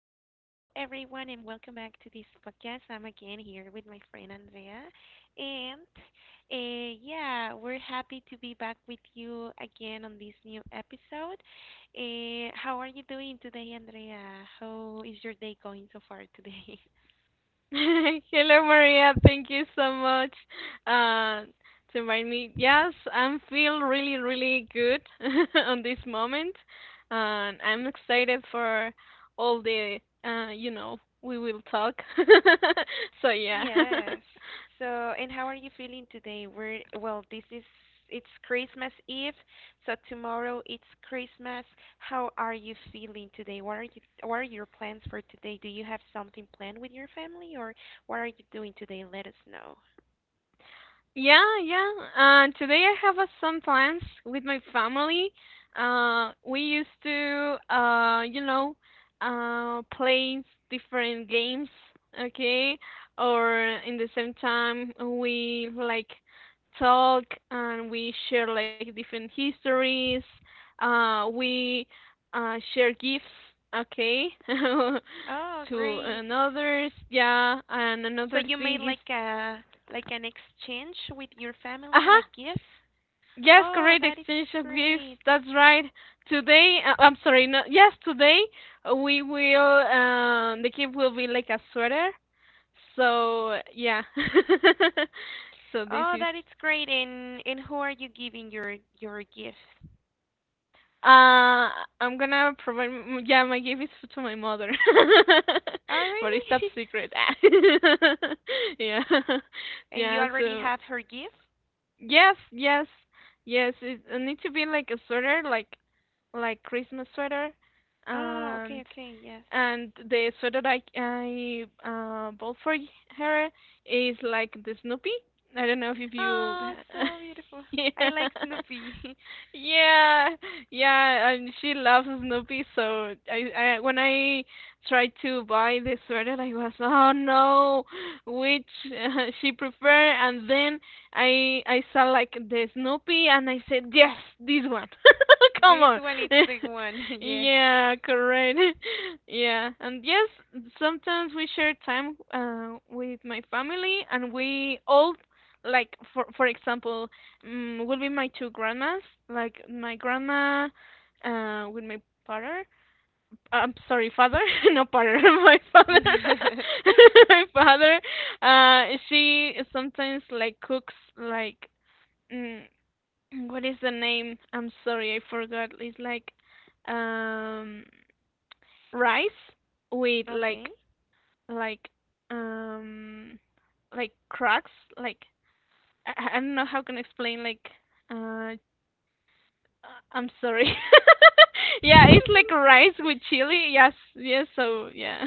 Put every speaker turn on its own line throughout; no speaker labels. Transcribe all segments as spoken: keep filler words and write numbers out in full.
everyone, and welcome back to this podcast. I'm again here with my friend Andrea, and uh, yeah, we're happy to be back with you again on this new episode. Uh, how are you doing today, Andrea? How is your day going so far today?
Hello, Maria. Thank you so much uh, to invite me. Yes, I feel really, really good on this moment, and I'm excited for all the uh, you know we will talk. so yeah.
Yes. So, and how are you feeling today? We're, well, this is, it's Christmas Eve, so tomorrow it's Christmas. How are you feeling today? What are you, what are your plans for today? Do you have something planned with your family, or what are you doing today? Let us know.
Yeah, yeah. Uh, today I have uh, some plans with my family. Uh, we used to, uh, you know, uh, play different games, okay? Or in the same time, we like talk and we share like different histories. Uh, we uh, Share gifts, okay? to
Oh, great.
another's, yeah. And
So
another
you made
thing is,
like a, like an exchange with your family,
uh-huh.
like gifts?
Yes,
Oh,
correct.
that is
Exchange of gifts.
great.
That's right. Today, uh, I'm sorry. No, yes, today uh, we will. Um, the gift will be like a sweater. So yeah. so this
Oh,
is.
that is great. And and who are you giving your your gifts?
Uh, I'm gonna provide. m- Yeah, my gift is to my mother,
Oh,
but it's top
really?
secret. yeah,
And you
yeah.
already
So
have her gift?
yes, yes, yes. It, it needs to be like a sweater, like like Christmas sweater,
Oh,
and
okay, okay, yes.
and the sweater I I uh bought for y- her is like the Snoopy. I don't know if you.
Oh, so beautiful. I
Yeah.
like Snoopy.
Yeah, yeah, and she loves Snoopy, so I, I when I tried to buy the sweater, I was, oh no, which she prefer, and then I I saw like the Snoopy and I said yes, this one. Come
This
on.
one is the one, yes.
yeah, correct. yeah, and yes, sometimes we share time uh, with my family and we all like for for example, um, will be my two grandmas, like my grandma uh, with my father. I'm sorry, father, no, pardon, my father, my father, uh, she sometimes like cooks like, mm, what is the name? I'm sorry, I forgot. It's like, um, rice with like
Okay.
like um like cracks, like I, I I don't know how can I explain like, uh, I'm sorry. Yeah, it's like rice with chili. Yes, yes, so yeah.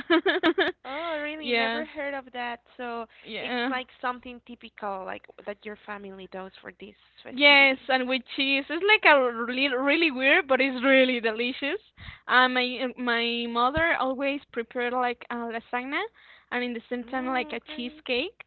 Oh, really?
Yeah,
Never heard of that. So it's
yeah.
like something typical, like that your family does for these
Yes,
festivities.
and with cheese. It's like a really, really weird, but it's really delicious. Uh, my my mother always prepared like a lasagna and in the same time like
Oh,
a
great.
cheesecake.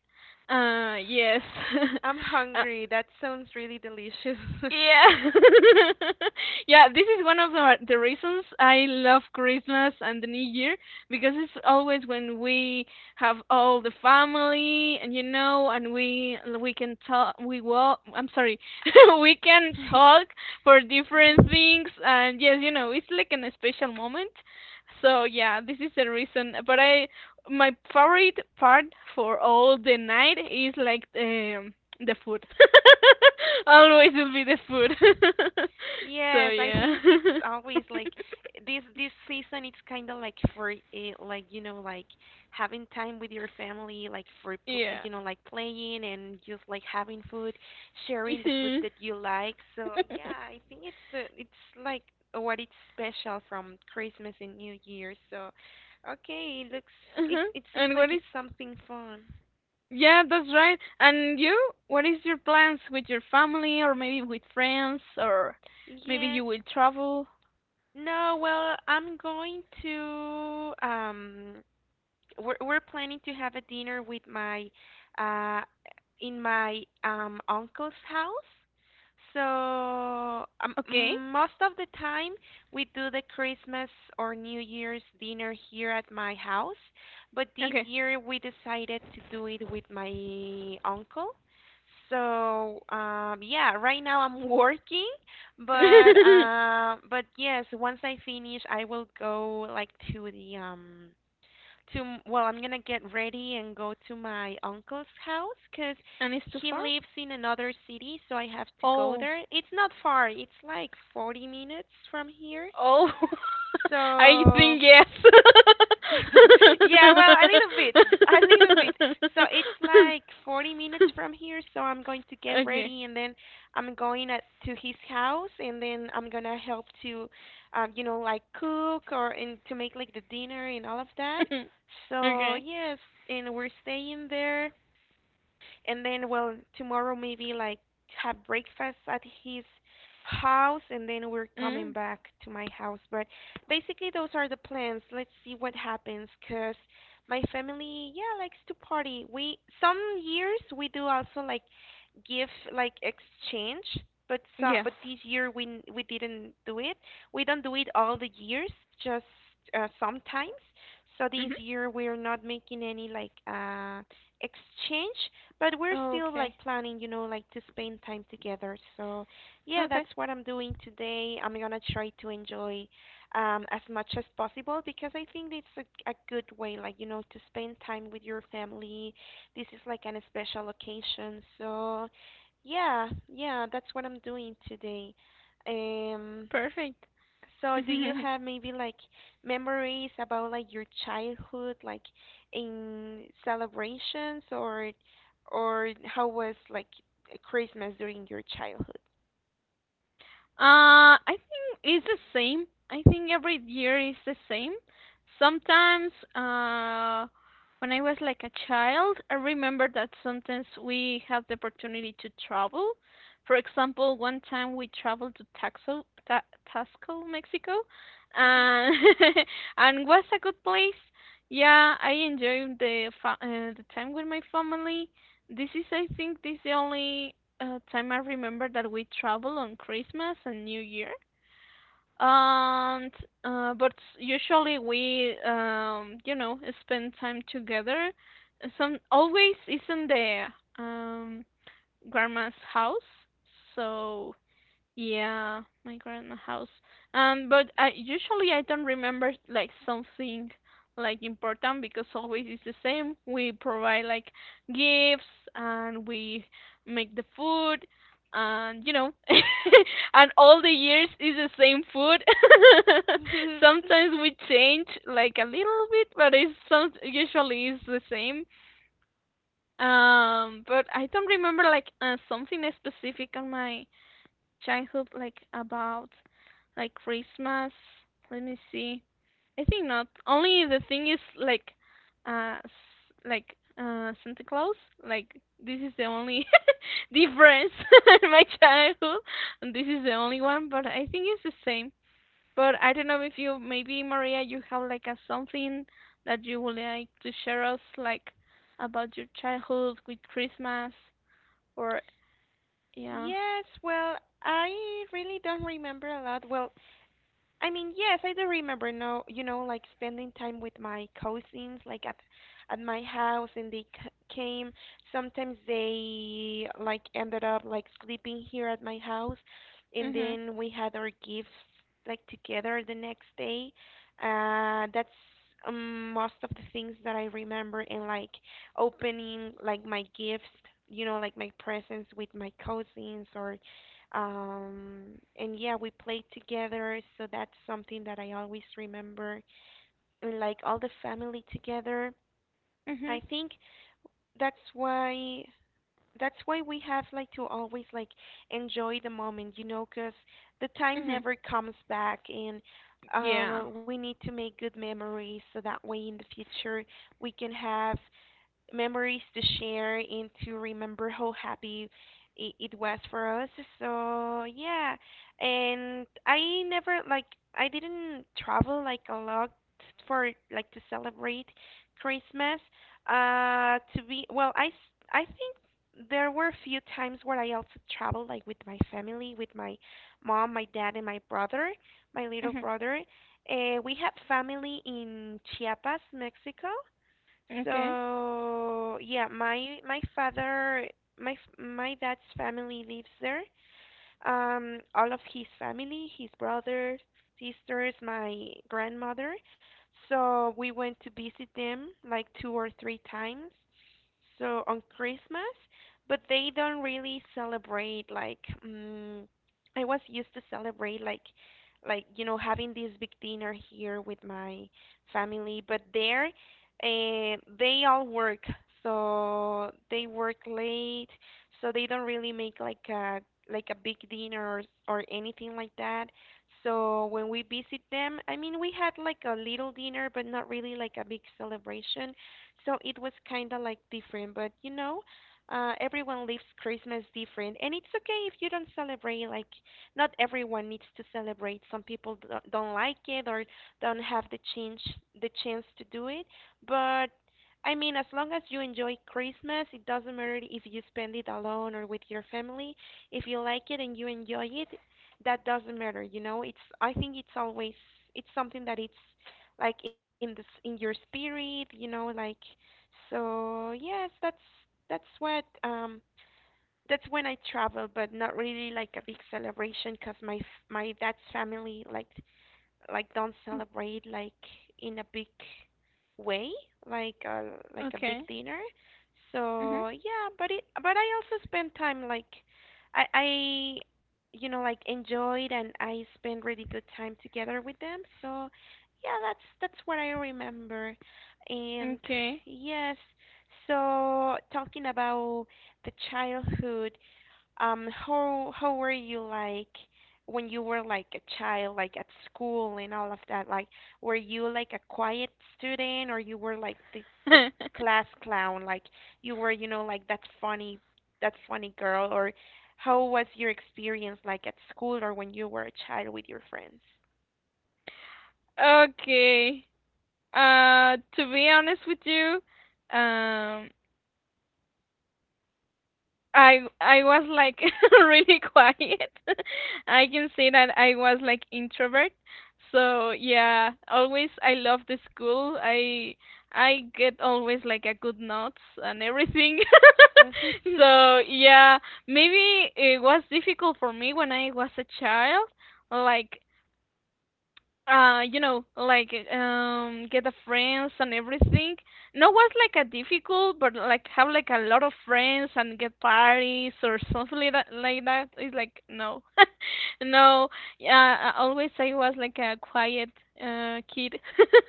Uh, yes.
Oh, I'm
Uh,
hungry. That sounds really delicious.
yeah. Yeah, this is one of the the reasons I love Christmas and the New Year because it's always when we have all the family and you know and we we can talk we will I'm sorry we can talk for different
Mhm.
things and yes, you know, it's like an special moment. So yeah, this is the reason. But I my favorite part for all the night is like um the food. Always will be the food. so
Yes, I
yeah.
think it's always like this this season. It's kind of like for eh, like you know like having time with your family, like for pl-
yeah.
you know like playing and just like having food, sharing the food
Mhm.
that you like. So yeah, I think it's the it's like what it's special from Christmas and New Year. So okay, it looks it
Uh-huh.
it seems
And what
like
is
it's something fun.
yeah, that's right. And you, what is your plans with your family or maybe with friends or maybe
Yes.
you will travel?
No, well, I'm going to um we're we're planning to have a dinner with my uh in my um uncle's house. So um,
Okay.
most of the time we do the Christmas or New Year's dinner here at my house, but this
Okay.
year we decided to do it with my uncle. So um yeah, right now I'm working, but uh but yes, once I finish I will go like to the um to well, I'm gonna get ready and go to my uncle's house, because
and it's too
he
far?
lives in another city, so I have to go
Oh.
there. It's not far. It's like forty minutes from here,
Oh. I
so
think yes.
yeah, well, a little bit, a little bit. So it's like forty minutes from here, so I'm going to get
okay.
ready and then I'm going at, to his house, and then I'm gonna help to, um, you know, like cook, or and to make like the dinner and all of that. So
Okay.
yes, and we're staying there, and then, well, tomorrow maybe like have breakfast at his house and then we're coming
Mm.
back to my house. But basically those are the plans. Let's see what happens, because my family, yeah, likes to party. We some years we do also like give like exchange, but so,
Yes.
but this year we n- we didn't do it. We don't do it all the years, just uh, sometimes. So this
Mhm.
year we're not making any like uh exchange, but we're still
Okay.
like planning, you know, like to spend time together. So yeah, that's
Okay.
what I'm doing today. I'm gonna try to enjoy um, as much as possible, because I think it's a, a good way, like, you know, to spend time with your family. This is like an special occasion. So yeah, yeah, that's what I'm doing today. Um,
Perfect.
so, do you have maybe like memories about like your childhood, like in celebrations, or or how was like Christmas during your childhood?
Uh, I think it's the same. I think every year is the same. Sometimes, uh, when I was like a child, I remember that sometimes we have the opportunity to travel. For example, one time we traveled to Taxo, Ta Taxco, Mexico, and and was a good place. Yeah, I enjoyed the fa uh, the time with my family. This is, I think, this is the only uh, time I remember that we travel on Christmas and New Year. And uh, but usually we um you know spend time together. Some always is in the um grandma's house. So yeah, my grandma house. Um, but I usually I don't remember like something like important because always it's the same. We provide like gifts and we make the food and you know and all the years is the same food.
Mhm.
Sometimes we change like a little bit, but it's some usually is the same. Um, but I don't remember like uh, something specific on my childhood like about like Christmas. Let me see. I think not. Only the thing is like uh s- like uh Santa Claus. Like this is the only difference in my childhood. And this is the only one, but I think it's the same. But I don't know if you maybe Maria you have like a something that you would like to share us like about your childhood with Christmas or yeah.
Yes, well, I really don't remember a lot. Well, I mean, yes, I do remember now, you know, like spending time with my cousins, like at at my house, and they c came. Sometimes they like ended up like sleeping here at my house, and
Mhm.
then we had our gifts like together the next day. Uh, that's um, most of the things that I remember, and like opening like my gifts, you know, like my presents with my cousins, or um, and yeah, we played together, so that's something that I always remember. And like all the family together,
Mhm.
I think that's why that's why we have like to always like enjoy the moment, you know, 'cause the time
Mhm.
never comes back, and
Yeah.
um, we need to make good memories so that way in the future we can have memories to share and to remember how happy it, it was for us. So yeah, and I never like I didn't travel like a lot for like to celebrate Christmas. Uh, to be well, I s- I think there were a few times where I also traveled like with my family, with my mom, my dad, and my brother, my little
Mhm.
brother. Uh, we have family in Chiapas, Mexico.
Okay.
So yeah, my my father, my f- my dad's family lives there, um, all of his family, his brothers, sisters, my grandmother. So we went to visit them like two or three times. So on Christmas, but they don't really celebrate like um, I was used to celebrate like like you know, having this big dinner here with my family, but there uh, they all work. So they work late, so they don't really make like a like a big dinner, or, or anything like that. So when we visit them, I mean we had like a little dinner, but not really like a big celebration. So it was kind of like different, but you know, uh, everyone lives Christmas different, and it's okay if you don't celebrate. Like not everyone needs to celebrate. Some people do- don't like it, or don't have the chance the chance to do it, but I mean, as long as you enjoy Christmas, it doesn't matter if you spend it alone or with your family. If you like it and you enjoy it, that doesn't matter, you know? It's I think it's always it's something that it's like in this in your spirit, you know, like so yes, that's that's what um that's when I travel, but not really like a big celebration because my f- my dad's family like like don't celebrate like in a big way, like a, like a big
Okay.
dinner.
Mhm.
So yeah, but it but I also spend time like I I, you know, like enjoyed, and I spend really good time together with them. So yeah, that's that's what I remember. And
Okay.
yes, so talking about the childhood, um, how how were you like when you were like a child, like at school and all of that? Like, were you like a quiet student, or you were like the the class clown? Like you were, you know, like that funny that funny girl? Or how was your experience like at school or when you were a child with your friends?
okay. Uh, to be honest with you, um, I I was like really quiet. I can say that I was like introvert. So yeah, always I love the school. I I get always like a good notes and everything. so yeah, maybe it was difficult for me when I was a child. Like uh you know like um get the friends and everything no was like a difficult but like have like a lot of friends and get parties or something like that like that it's like no no yeah I always I was like a quiet uh kid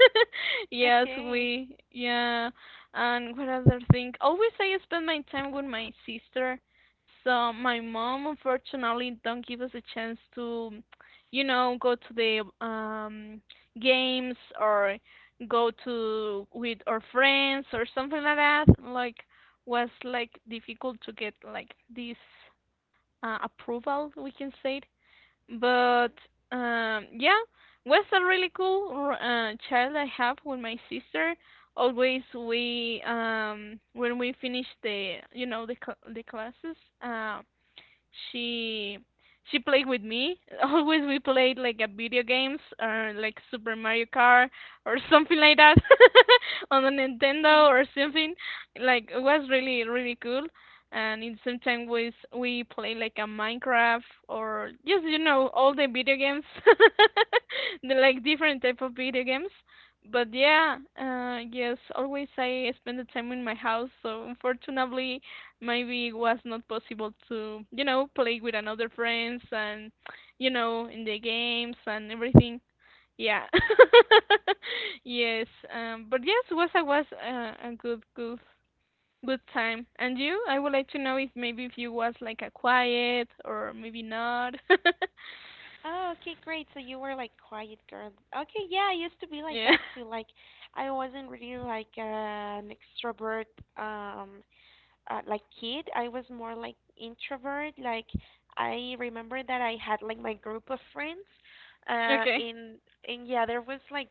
yes
Okay.
we yeah and what other thing always I spend my time with my sister so my mom unfortunately don't give us a chance to you know, go to the um, games or go to with our friends or something like that. Like was like difficult to get like this uh, approval, we can say it. But um, yeah, was a really cool uh, child I have with my sister. Always we um when we finish the you know the cl- the classes uh she she played with me. Always we played like a video games or like Super Mario Kart or something like that on the Nintendo or something. Like it was really really cool. And in sometimes we we play like a Minecraft or just you know all the video games, the like different type of video games. But yeah, uh, yes, always I spend the time in my house. So unfortunately, maybe it was not possible to you know play with another friends and you know in the games and everything yeah yes um but yes was I was uh, a good good good time and you I would like to know if maybe if you was like a quiet or maybe not
Oh, okay, great. So you were like quiet girl. Okay, yeah, I used to be like
yeah
that too. Like I wasn't really like uh, an extrovert. Um, uh, like kid, I was more like introvert. Like I remember that I had like my group of friends, uh,
okay
and and yeah, there was like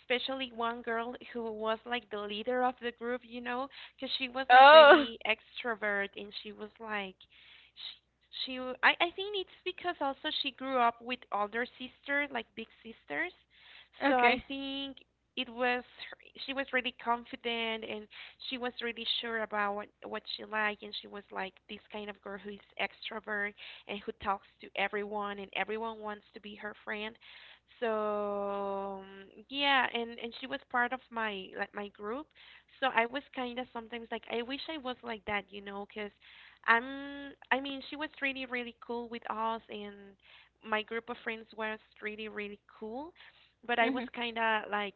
especially one girl who was like the leader of the group, you know, because she was like
oh
really extrovert, and she was like. She, she w- I, I think it's because also she grew up with older sisters, like big sisters, so I
okay
think it was her- she was really confident, and she was really sure about what, what she liked, and she was like this kind of girl who is extrovert and who talks to everyone, and everyone wants to be her friend. So um, yeah, and and she was part of my like my group, so I was kind of sometimes like I wish I was like that, you know, because i'm I mean, she was really really cool with us, and my group of friends was really really cool, but I was
mhm
kind of like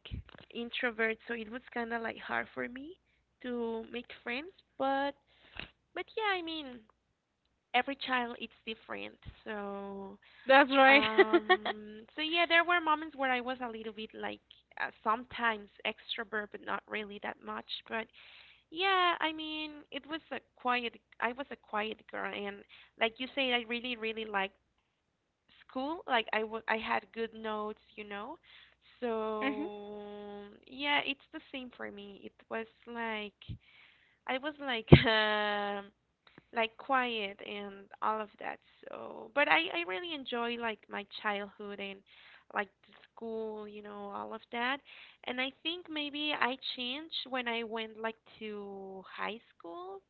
introvert, so it was kind of like hard for me to make friends, but but yeah, I mean every child it's different. So
that's right
um so yeah, there were moments where I was a little bit like uh, sometimes extrovert, but not really that much. But yeah, I mean it was a quiet. I was a quiet girl, and like you say, I really really liked school. Like I wa- I had good notes, you know.
mhm
So yeah, it's the same for me. It was like I was like um like quiet and all of that. So, but I I really enjoy like my childhood and like the school, you know, all of that. And I think maybe I changed when I went like to high school.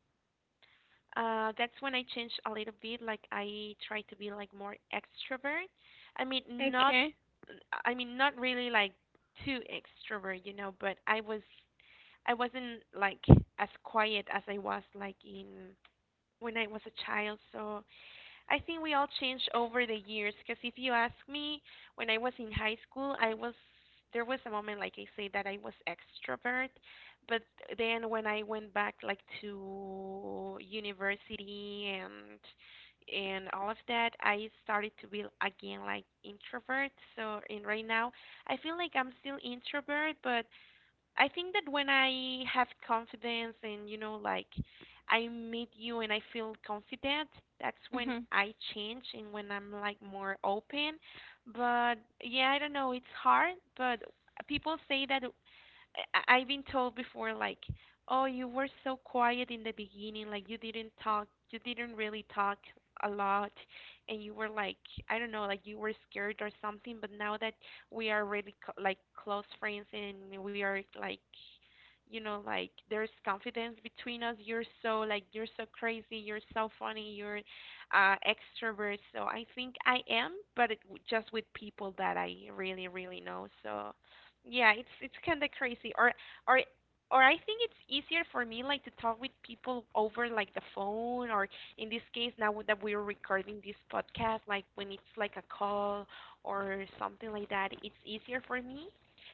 Uh, that's when I changed a little bit. Like I tried to be like more extrovert. I mean, not
okay
I mean, not really like too extrovert, you know, but I was I wasn't like as quiet as I was like in when I was a child. So I think we all changed over the years. Because if you ask me, when I was in high school, I was there was a moment like I say that I was extrovert, but then when I went back like to university and and all of that, I started to be again like introvert. So and right now, I feel like I'm still introvert, but I think that when I have confidence and, you know, like I meet you and I feel confident, that's when
mhm
I change and when I'm like more open. But yeah, I don't know, it's hard, but people say that I- I've been told before, like, oh, you were so quiet in the beginning, like you didn't talk, you didn't really talk a lot, and you were like, I don't know, like you were scared or something. But now that we are really co- like close friends and we are like, you know, like there's confidence between us. You're so like you're so crazy, you're so funny, you're uh, extrovert. So I think I am, but it, w- just with people that I really, really know. So. Yeah, it's it's kind of crazy. Or or or I think it's easier for me like to talk with people over like the phone or in this case now w- that we're recording this podcast like when it's like a call or something like that, it's easier for me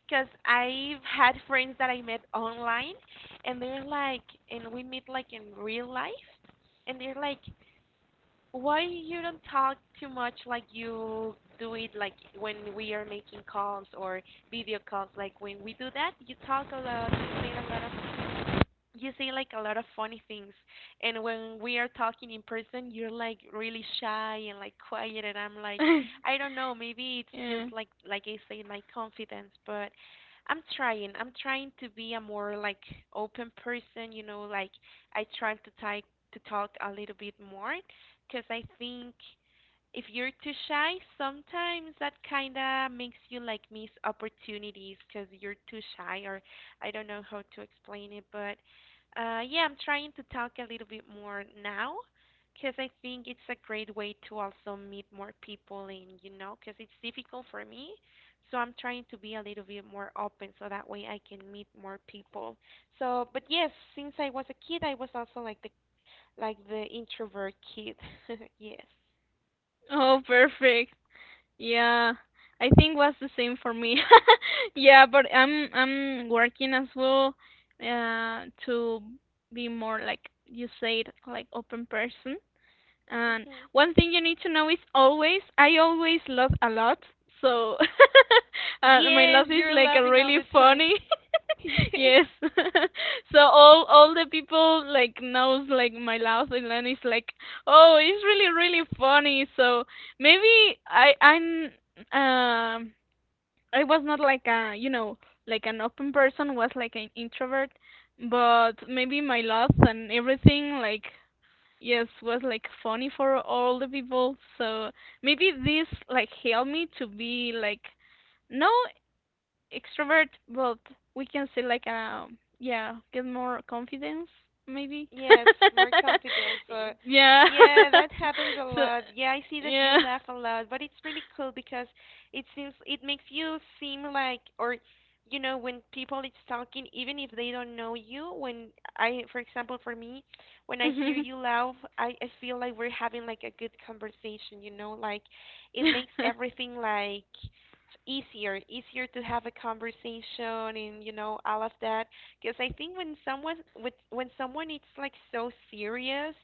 because I've had friends that I met online and they're like and we meet like in real life and they're like why you don't talk too much like you do it like when we are making calls or video calls? Like when we do that, you talk a lot, you say a lot of you say like a lot of funny things and when we are talking in person you're like really shy and like quiet and I'm like I don't know maybe it's just
yeah
like like I say my confidence but i'm trying i'm trying to be a more like open person you know like I try to type to talk a little bit more because I think if you're too shy, sometimes that kind of makes you like miss opportunities because you're too shy, or I don't know how to explain it, but uh, yeah, I'm trying to talk a little bit more now because I think it's a great way to also meet more people and you know, because it's difficult for me. So I'm trying to be a little bit more open so that way I can meet more people. So, but yes, since I was a kid, I was also like the like the introvert kid. Yes.
oh perfect yeah, I think was the same for me. Yeah, but I'm I'm working as well uh to be more like you said, like open person. And
Mhm.
one thing you need to know is always, I always laugh a lot. So uh, my
Yes,
laugh is
you're
like a
laughing all
really
the time.
funny.
Yes.
yes. so all all the people like knows like my laugh and then it's like, oh, it's really really funny. So maybe I I'm um I was not like a you know like an open person was like an introvert, but maybe my laugh and everything like yes was like funny for all the people so maybe this like helped me to be like no extrovert but we can say like um yeah get more confidence maybe
Yes, more confidence. So,
yeah
yeah, that happens a
so
lot. Yeah, I see that you
yeah.
laugh a lot, but it's really cool because it seems it makes you seem like, or you know, when people it's talking, even if they don't know you, when I, for example, for me, when I hear
Mhm.
you laugh, I, I feel like we're having like a good conversation, you know, like it makes everything like easier, easier to have a conversation and you know all of that because I think when someone with when someone it's like so serious,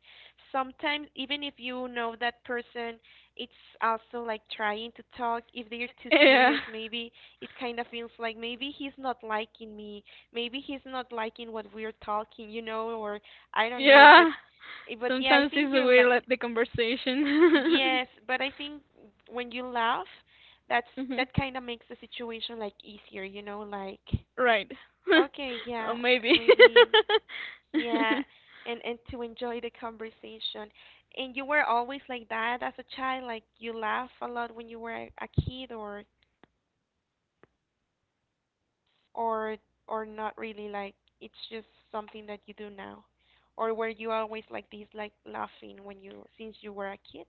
sometimes even if you know that person, it's also like trying to talk. If they're too serious,
yeah
maybe it kind of feels like maybe he's not liking me. Maybe he's not liking what we're talking, you know, or I don't know. But
yeah
eh, but yeah, I
sometimes it's
think you're
weird
li-
like the conversation
yes. But I think when you laugh, that's
mhm.
that kind of makes the situation like easier, you know, like
Right
okay, yeah,
or maybe
maybe yeah, and and to enjoy the conversation. And you were always like that as a child, like you laugh a lot when you were a a kid or or or not really like it's just something that you do now. Or were you always like this, like laughing when you since you were a kid?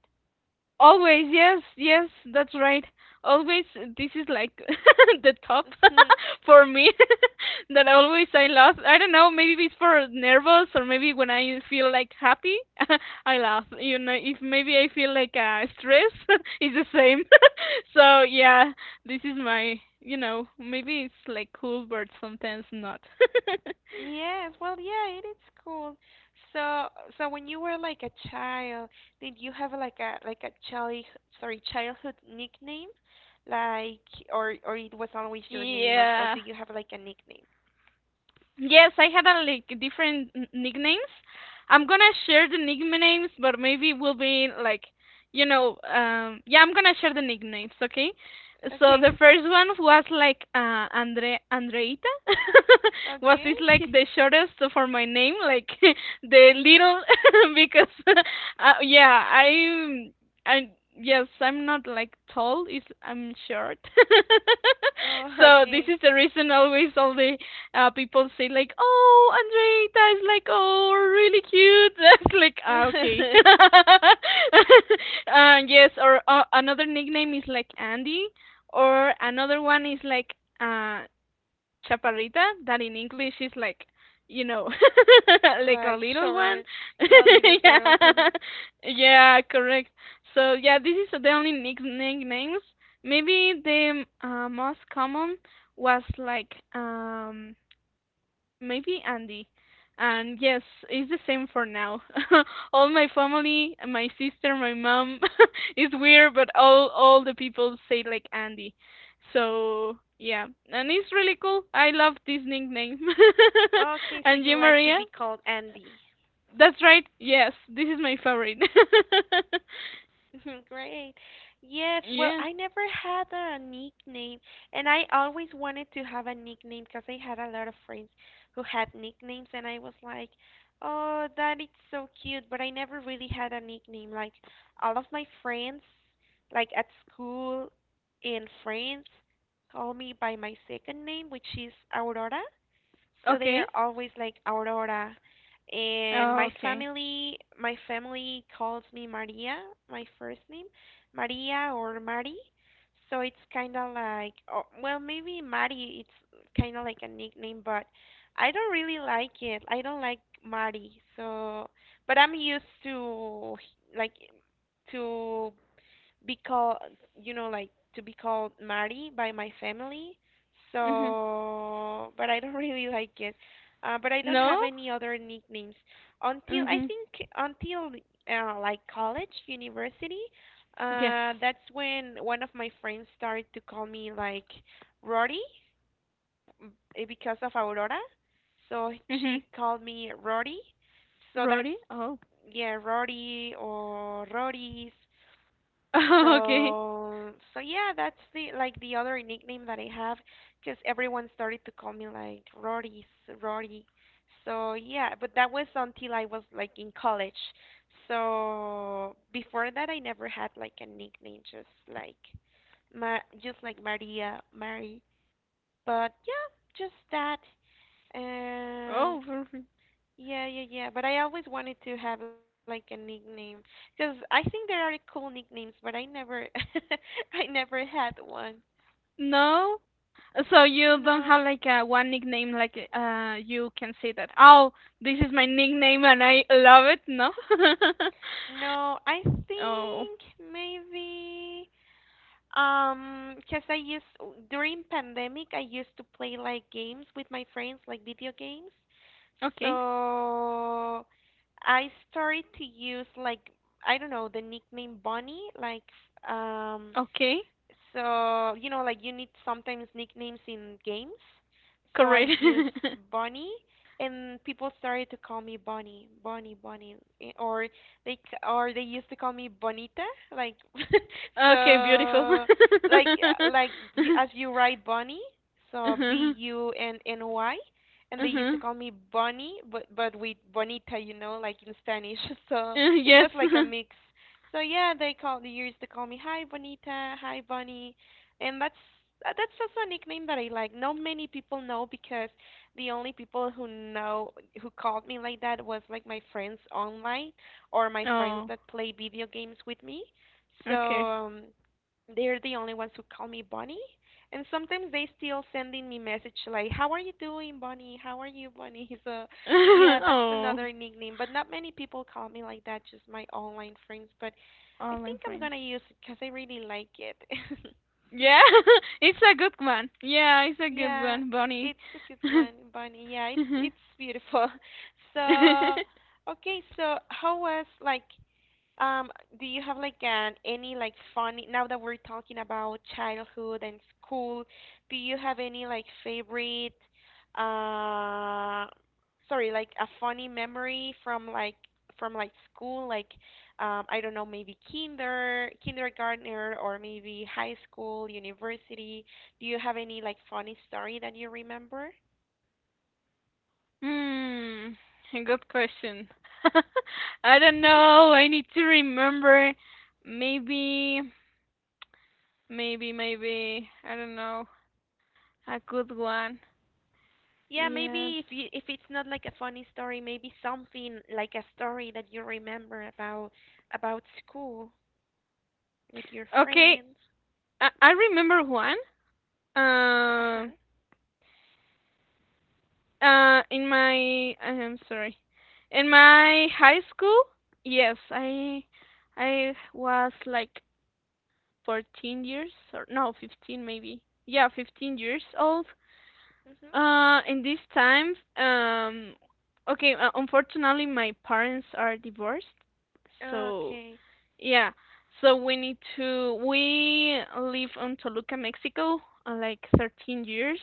always, yes, yes, that's right. Always, this is like the top for me that always I laugh. I don't know, maybe it's for nervous or maybe when I feel like happy, I laugh. You know,
Mhm.
if maybe I feel like uh, stress, it's the same. So yeah, this is my, you know, maybe it's like cool, but sometimes not.
Yes, well, yeah, it is cool. So, so when you were like a child, did you have like a like a child sorry childhood nickname, like or or it was always your name, or or do
Yeah.
you have like a nickname?
Yes, I had a, like different n- nicknames. I'm gonna share the nicknames, but maybe will be like, you know, um, yeah, I'm gonna share the nicknames, okay? So the
Okay,
first one was like uh, Andre Andreita, was
okay,
is like the shortest for my name, like the little, because uh, yeah, I'm, I yes, I'm not like tall, is I'm short.
oh,
so this
okay,
is the reason always all the uh, people say like, "Oh, Andreita is like, oh, really cute." That's like, ah, okay. uh, yes, or uh, another nickname is like Andy, or another one is like uh, Chaparrita. That in English is like, you know, like a
like
little one.
short, yeah, little
yeah,
girl.
yeah, correct. So yeah, this is the only nick- nicknames. Maybe the uh, most common was like um maybe Andy. And yes, it's the same for now. all my family, my sister, my mom, it's weird, but all all the people say like Andy. So yeah, and it's really cool. I love this nickname.
Okay, so
and
you
you,
like to
Maria?
be called Andy.
That's right. Yes, this is my favorite.
Great. Yes, well,
yeah.
I never had a nickname, and I always wanted to have a nickname because I had a lot of friends who had nicknames, and I was like, oh, that is so cute, but I never really had a nickname. Like, all of my friends, like at school and friends, call me by my second name, which is Aurora. So they
Okay.
are always like Aurora. And
Oh,
my
okay.
family, my family calls me Maria, my first name, Maria or Mari. So it's kind of like, oh, well, maybe Mari, it's kind of like a nickname, but I don't really like it. I don't like Mari. So, but I'm used to like to be called you know like to be called Mari by my family
Mhm.
so but I don't really like it uh, but I don't
No.
have any other nicknames until I
Mhm.
think until uh, like college university
Yes.
uh, that's when one of my friends started to call me like Rory m- eh, because of Aurora so
Mhm.
she called me Rory so that's
Roddy. Oh.
yeah Rory or Rories
okay.
so, so yeah, that's the like the other nickname that I have, cause everyone started to call me like Rory, s- Rory. So yeah, but that was until I was like in college. So before that, I never had like a nickname, just like Ma, just like Maria, Mary. But yeah, just that.
Oh, perfect.
Yeah, yeah, yeah. But I always wanted to have like a nickname because I think there are cool nicknames, but I never, I never had one.
No? So you don't have
No,
like a one nickname like uh you can say that, oh, this is my nickname and I love it, no?
no. I
Oh,
think maybe um, cause I used during pandemic I used to play like games with my friends, like video games.
okay.
So I started to use like I don't know the nickname Bonnie, like um
Okay.
So, you know, like you need sometimes nicknames in games. So I
Correct.
use Bunny, and people started to call me Bunny, Bunny, Bunny, eh, or they c- or they used to call me Bonita, like
Okay, beautiful.
so, like uh, like you, as you write Bunny, so B
Uh-huh.
U N N Y, and they used to
Uh-huh.
call me Bunny, but but with Bonita, you know, like in Spanish. So
Uh,
it
yes.
was like a mix. So yeah, they call they used to call me Hi Bonita, Hi Bunny, and that's uh, that's also a nickname that I like. Not many people know because the only people who know who called me like that was like my friends online or my friends
Oh,
that play video games with me. So
okay.
um, they're the only ones who call me Bonnie, and sometimes they still sending me message like, "How are you doing, Bonnie? How are you, Bonnie?" So, yeah, that's
Oh,
another nickname. But not many people call me like that. Just my online friends. But I
online
think I'm
friends.
gonna use it because I really like it.
Yeah, it's a good one. Yeah, it's a good
Yeah,
one, Bonnie.
it's a good one, Bunny. Yeah, it's it's beautiful. So, okay. So, how was like Um, do you have like an any like funny now that we're talking about childhood and school, do you have any like favorite uh sorry, like a funny memory from like from like school, like um I don't know, maybe kinder kindergartner or maybe high school, university. Do you have any like funny story that you remember?
Hmm, a good question. I don't know. I need to remember. Maybe, maybe, maybe. I don't know. A good one.
Yeah,
Yes.
maybe if you if it's not like a funny story, maybe something like a story that you remember about about school with your
Okay.
friends.
I, I remember one.
Uh-huh.
Um. Uh, In my. I'm sorry. In my high school. Yes. I. I was like fourteen years or no, fifteen maybe. Yeah, fifteen years old.
Mhm.
Uh, in these times, um, okay, uh, unfortunately, my parents are divorced. So,
Okay.
yeah. So we need to, we live on Toluca, Mexico, uh, like thirteen years,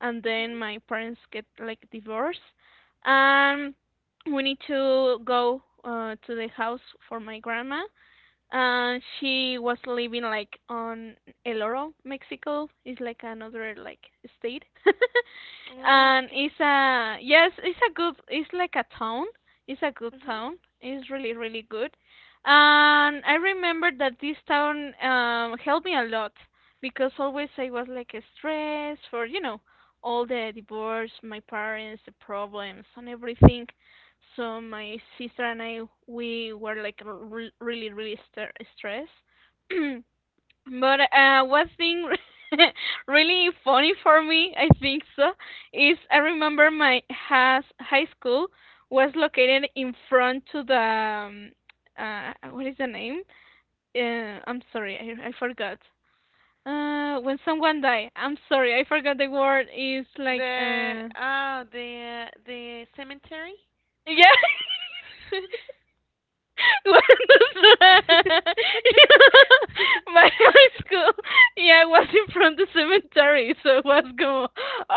and then
Mhm.
my parents get like divorced. And we need to go uh, to the house for my grandma. Uh, she was living like on El Oro, Mexico. It's like another like state,
Oh,
and it's
okay.
a yes, it's a good. It's like a town. It's a good
Mhm.
town. It's really really good, and I remember that this town um helped me a lot because always I was like stressed for you know all the divorce, my parents, the problems, and everything. So my sister and I, we were like re- really, really st- stressed. But uh, one thing really funny for me, I think so, is I remember my has high school was located in front to the um, uh, what is the name? Uh, I'm sorry, I I forgot. Uh, when someone die, I'm sorry, I forgot the word. Is like
The
uh,
ah the the cemetery.
yeah. What the- my high school, yeah, was in front of the cemetery, so it was going,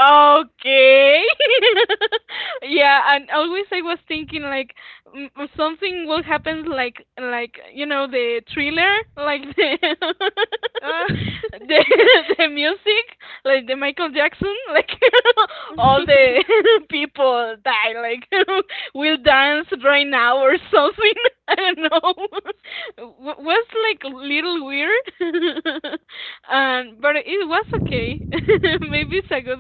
okay. Yeah, and always I was thinking like mm, something will happen, like like you know the thriller, like the
Oh,
the, the music, like the Michael Jackson, like all the people die, like will dance right now or something. I don't know. W- was like a little weird, and but it was okay. Maybe it's a good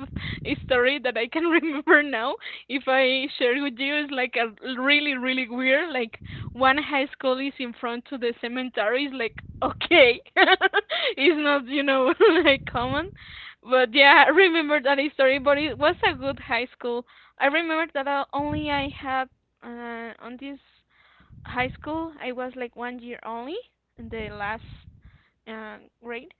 story that I can remember now. If I share with you, it's like a really really weird. Like one high school is in front to the cemetery. It's like okay, it's not you know like common, but yeah, I remember that story, but it was a good high school. I remember that I, only I had uh, on this high school, I was like one year only in the last uh, grade,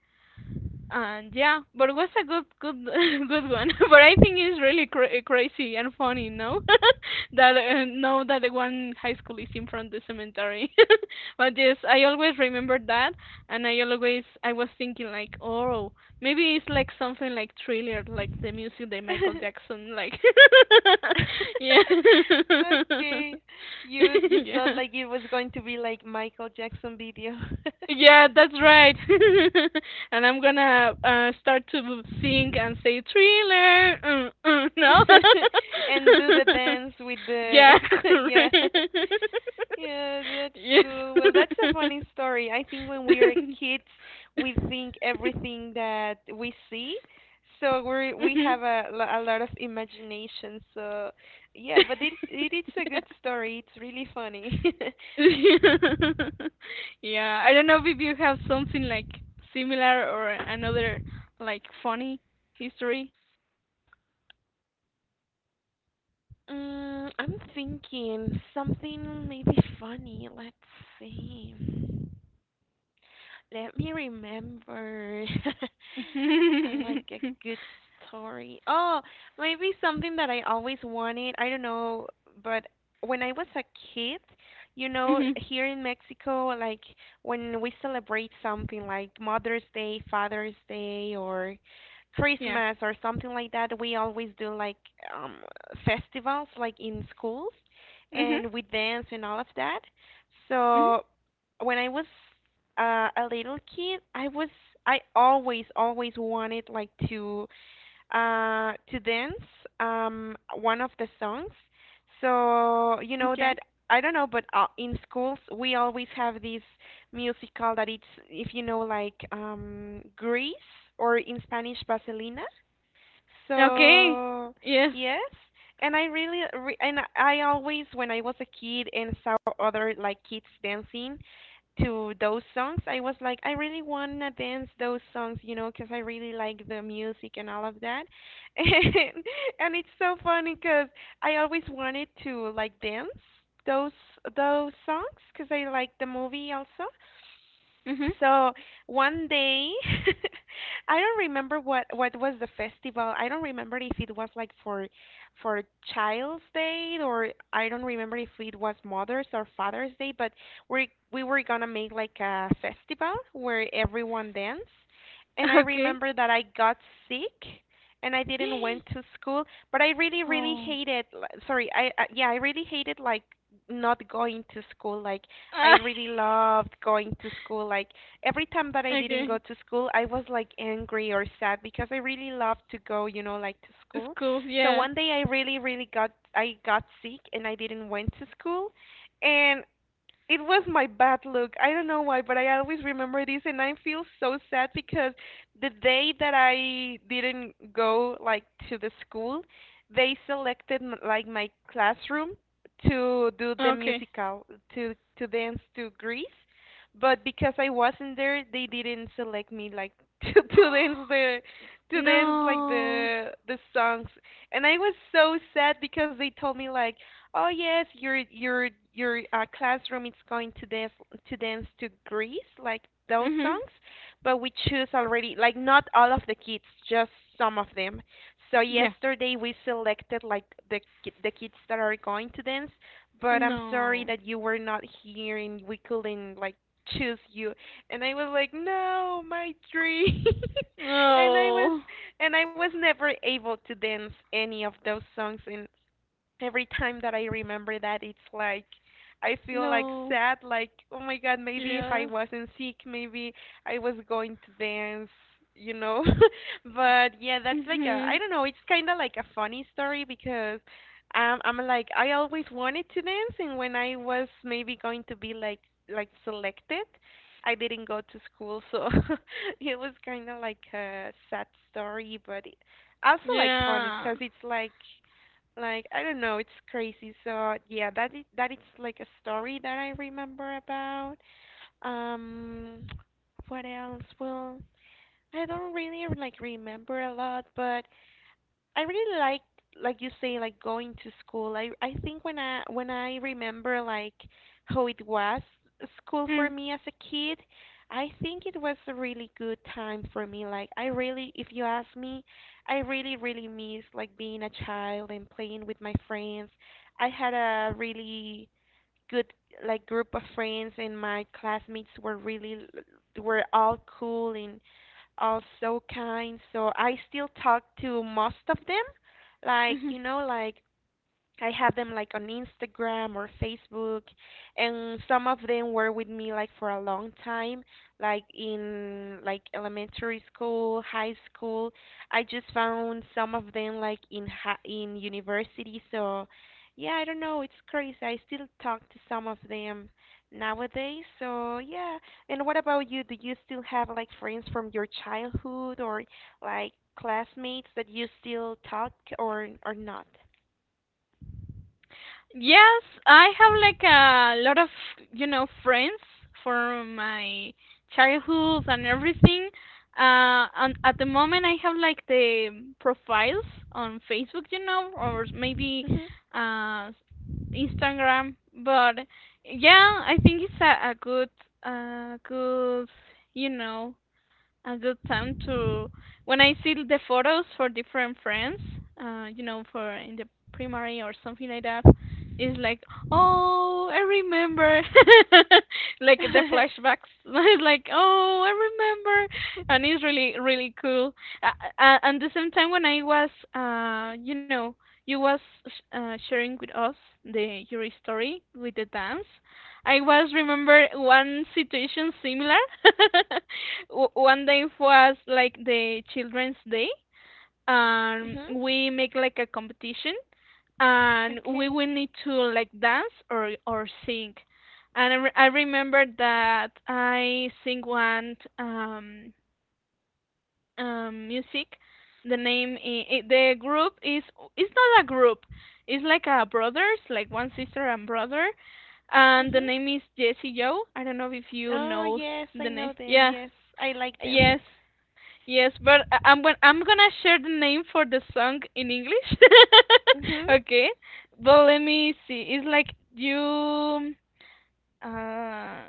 and yeah, but it was a good, good, good one. But I think it's really cra- eh, crazy and funny, no? That uh, no, that the one high school is in front the cemetery. But yes, I always remember that, and I always I was thinking like, oh, maybe it's like something like Thriller, like the music by
yeah.
Michael Jackson, like yeah,
Okay. You you thought
yeah.
like it was going to be like Michael Jackson video.
Yeah, that's right. And I'm gonna uh, start to sing and say thriller. Mm, mm, no.
And do the dance with the
Yeah,
yeah.
correct.
Yeah, that's
Yes.
cool. Well, that's a funny story. I think when we are kids, we think everything that we see. So we we
Mhm.
have a, lo- a lot of imagination. So yeah, but it it is a good story. It's really funny.
Yeah, I don't know if you have something like similar or another like funny history.
Mm, I'm thinking something maybe funny. Let's see. Let me remember. I
Mhm.
like a good story. Oh, maybe something that I always wanted. I don't know, but when I was a kid, you know, here in Mexico, like when we celebrate something like Mother's Day, Father's Day, or
Yeah.
Christmas or something like that, we always do like um festivals like in schools
Mhm.
and we dance and all of that.
Mhm.
So when I was uh, a little kid, I was I always always wanted like to uh, to dance um, one of the songs. So you know
Okay.
that I don't know, but uh, in schools we always have this musical that it's if you know like um, Grease, or in Spanish Vaselina.
Okay.
So
Yes.
yes, and I really re- and I always, when I was a kid and saw other like kids dancing to those songs, I was like, I really want to dance those songs, you know, because I really like the music and all of that. And, and it's so funny because I always wanted to like dance those those songs because I like the movie also.
Mhm.
So one day, I don't remember what what was the festival. I don't remember if it was like for for Child's Day, or I don't remember if it was Mother's or Father's Day, but we we were gonna make like a festival where everyone danced. And I
Okay.
remember that I got sick and I didn't went to school, but I really really
Oh.
hated, sorry, I uh, yeah, I really hated like not going to school. Like I
Ah,
really loved going to school. Like every time that I didn't go
okay.
to school, I was like angry or sad because I really loved to go, you know, like to school.
School.
So
Yeah.
one day I really really got, I got sick and I didn't went to school. And it was my bad luck. I don't know why, but I always remember this, and I feel so sad because the day that I didn't go like to the school, they selected m- like my classroom to do the
Okay.
musical, to to dance to Greece, but because I wasn't there, they didn't select me like to to dance the, to dance like
No.
the the songs, and I was so sad because they told me like, oh yes, your your your uh, classroom is going to dance, to dance to Greece, like those
Mhm.
songs. But we choose already, like not all of the kids, just some of them. So
Yeah.
yesterday we selected like the ki- the kids that are going to dance. But I'm sorry
No.
that you were not here and we couldn't like choose you. And I was like, no, my dream. and I was
No.
and I was never able to dance any of those songs, and every time that I remember that, it's like I feel like
No.
sad, like, oh my God, maybe if I
Yeah.
wasn't sick, maybe I was going to dance, you know? But yeah, that's like a, I
Mhm.
don't know, it's kind of like a funny story because um, I'm like, I always wanted to dance, and when I was maybe going to be like, like selected, I didn't go to school, so it was kind of like a sad story, but it, also like funny
Yeah.
because it's like like I don't know, it's crazy. So yeah, that is that is like a story that I remember about. Um, what else? Well, I don't really like remember a lot, but I really like like you say, like going to school. I I think when I when I remember like how it was school for
Mm.
me as a kid, I think it was a really good time for me. Like I really, if you ask me, I really really miss like being a child and playing with my friends. I had a really good like group of friends, and my classmates were really l- were all cool and all so kind, so I still talk to most of them, like,
Mhm.
you know like I had them like on Instagram or Facebook, and some of them were with me like for a long time, like in like elementary school, high school. I just found some of them like in ha in university. So, yeah, I don't know, it's crazy. I still talk to some of them nowadays. So, yeah. And what about you? Do you still have like friends from your childhood, or like classmates that you still talk, or or not?
Yes, I have like a lot of, you know, friends from my childhood and everything. Uh, and at the moment I have like the profiles on Facebook, you know, or maybe
Mhm.
uh Instagram, but yeah, I think it's a, a good uh good, you know, a good time to, when I see the photos for different friends, uh, you know, for in the primary or something like that, it's like, oh, I remember, like the
Mhm.
flashbacks. It's like, oh, I remember, and it's really really cool. Uh, uh, and the same time when I was, uh, you know, you was uh, sharing with us the your story with the dance. I was remember one situation similar. W- One day was like the children's day, and we make like a competition, and we
Okay.
will need to like dance or or sing. And I, re- I remember that I sing one um um, music. The name, i i the group is, it's not a group. It's like a brothers, like one sister and brother, and the
Mhm.
name is Jesse Joe. I don't know if you
Oh
know
yes, I
the
know
name.
them.
Yeah,
Yes, I like them.
yes, yes. But I- I'm gonna I'm gonna share the name for the song in English.
Mhm.
Okay, but let me see. It's like you. Uh,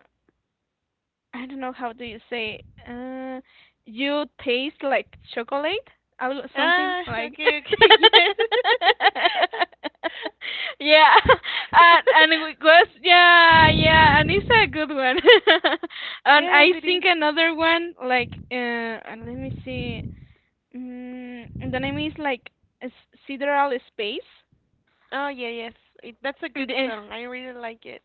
I don't know how do you say. Uh, you taste like chocolate, I will, something
Ah,
like.
okay, okay. Yes.
Yeah, and and it was yeah yeah, and it's a good one. And
Yes,
I
it is.
think another one like uh, and let me see. Mm, the name is like S- Sidereal Space.
Oh yeah, yes. It, that's a good song. I really like it.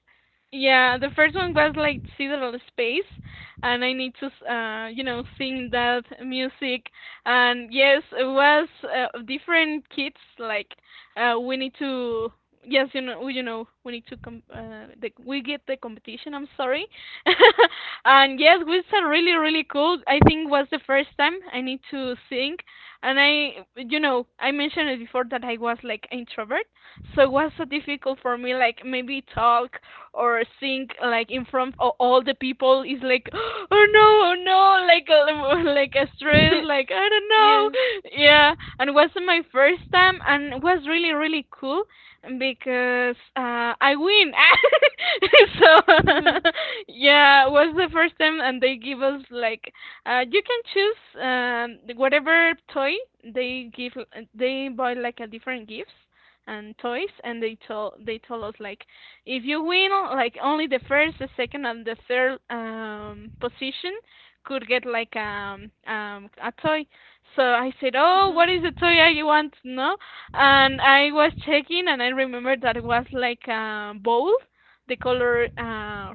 Yeah, the first one was like Sidereal Space, and I need to, s- uh, you know, sing that music. And yes, it was uh, different kids. Like, uh, we need to, yes, you know, we- you know, we need to, com- uh, the, we get the competition. I'm sorry. And yes, it was a really, really cool. I think was the first time I need to sing, and I, you know, I mentioned it before that I was like introvert, so it was so difficult for me, like maybe talk or sing like in front of all the people. Is like, oh no, oh no, like uh, like a stress, like I don't
Yes.
know, yeah. And it was my first time, and it was really really cool because uh, I win. So
Mhm.
yeah, it was the first time, and they give us like uh, you can choose um, whatever toy they give. They buy like a different gifts and toys, and they told they told us like if you win like only the first, the second, and the third um position could get like um um a toy. So I said, oh,
Mhm.
what is the toy I want, no? And I was checking and I remembered that it was like a bowl, the color uh,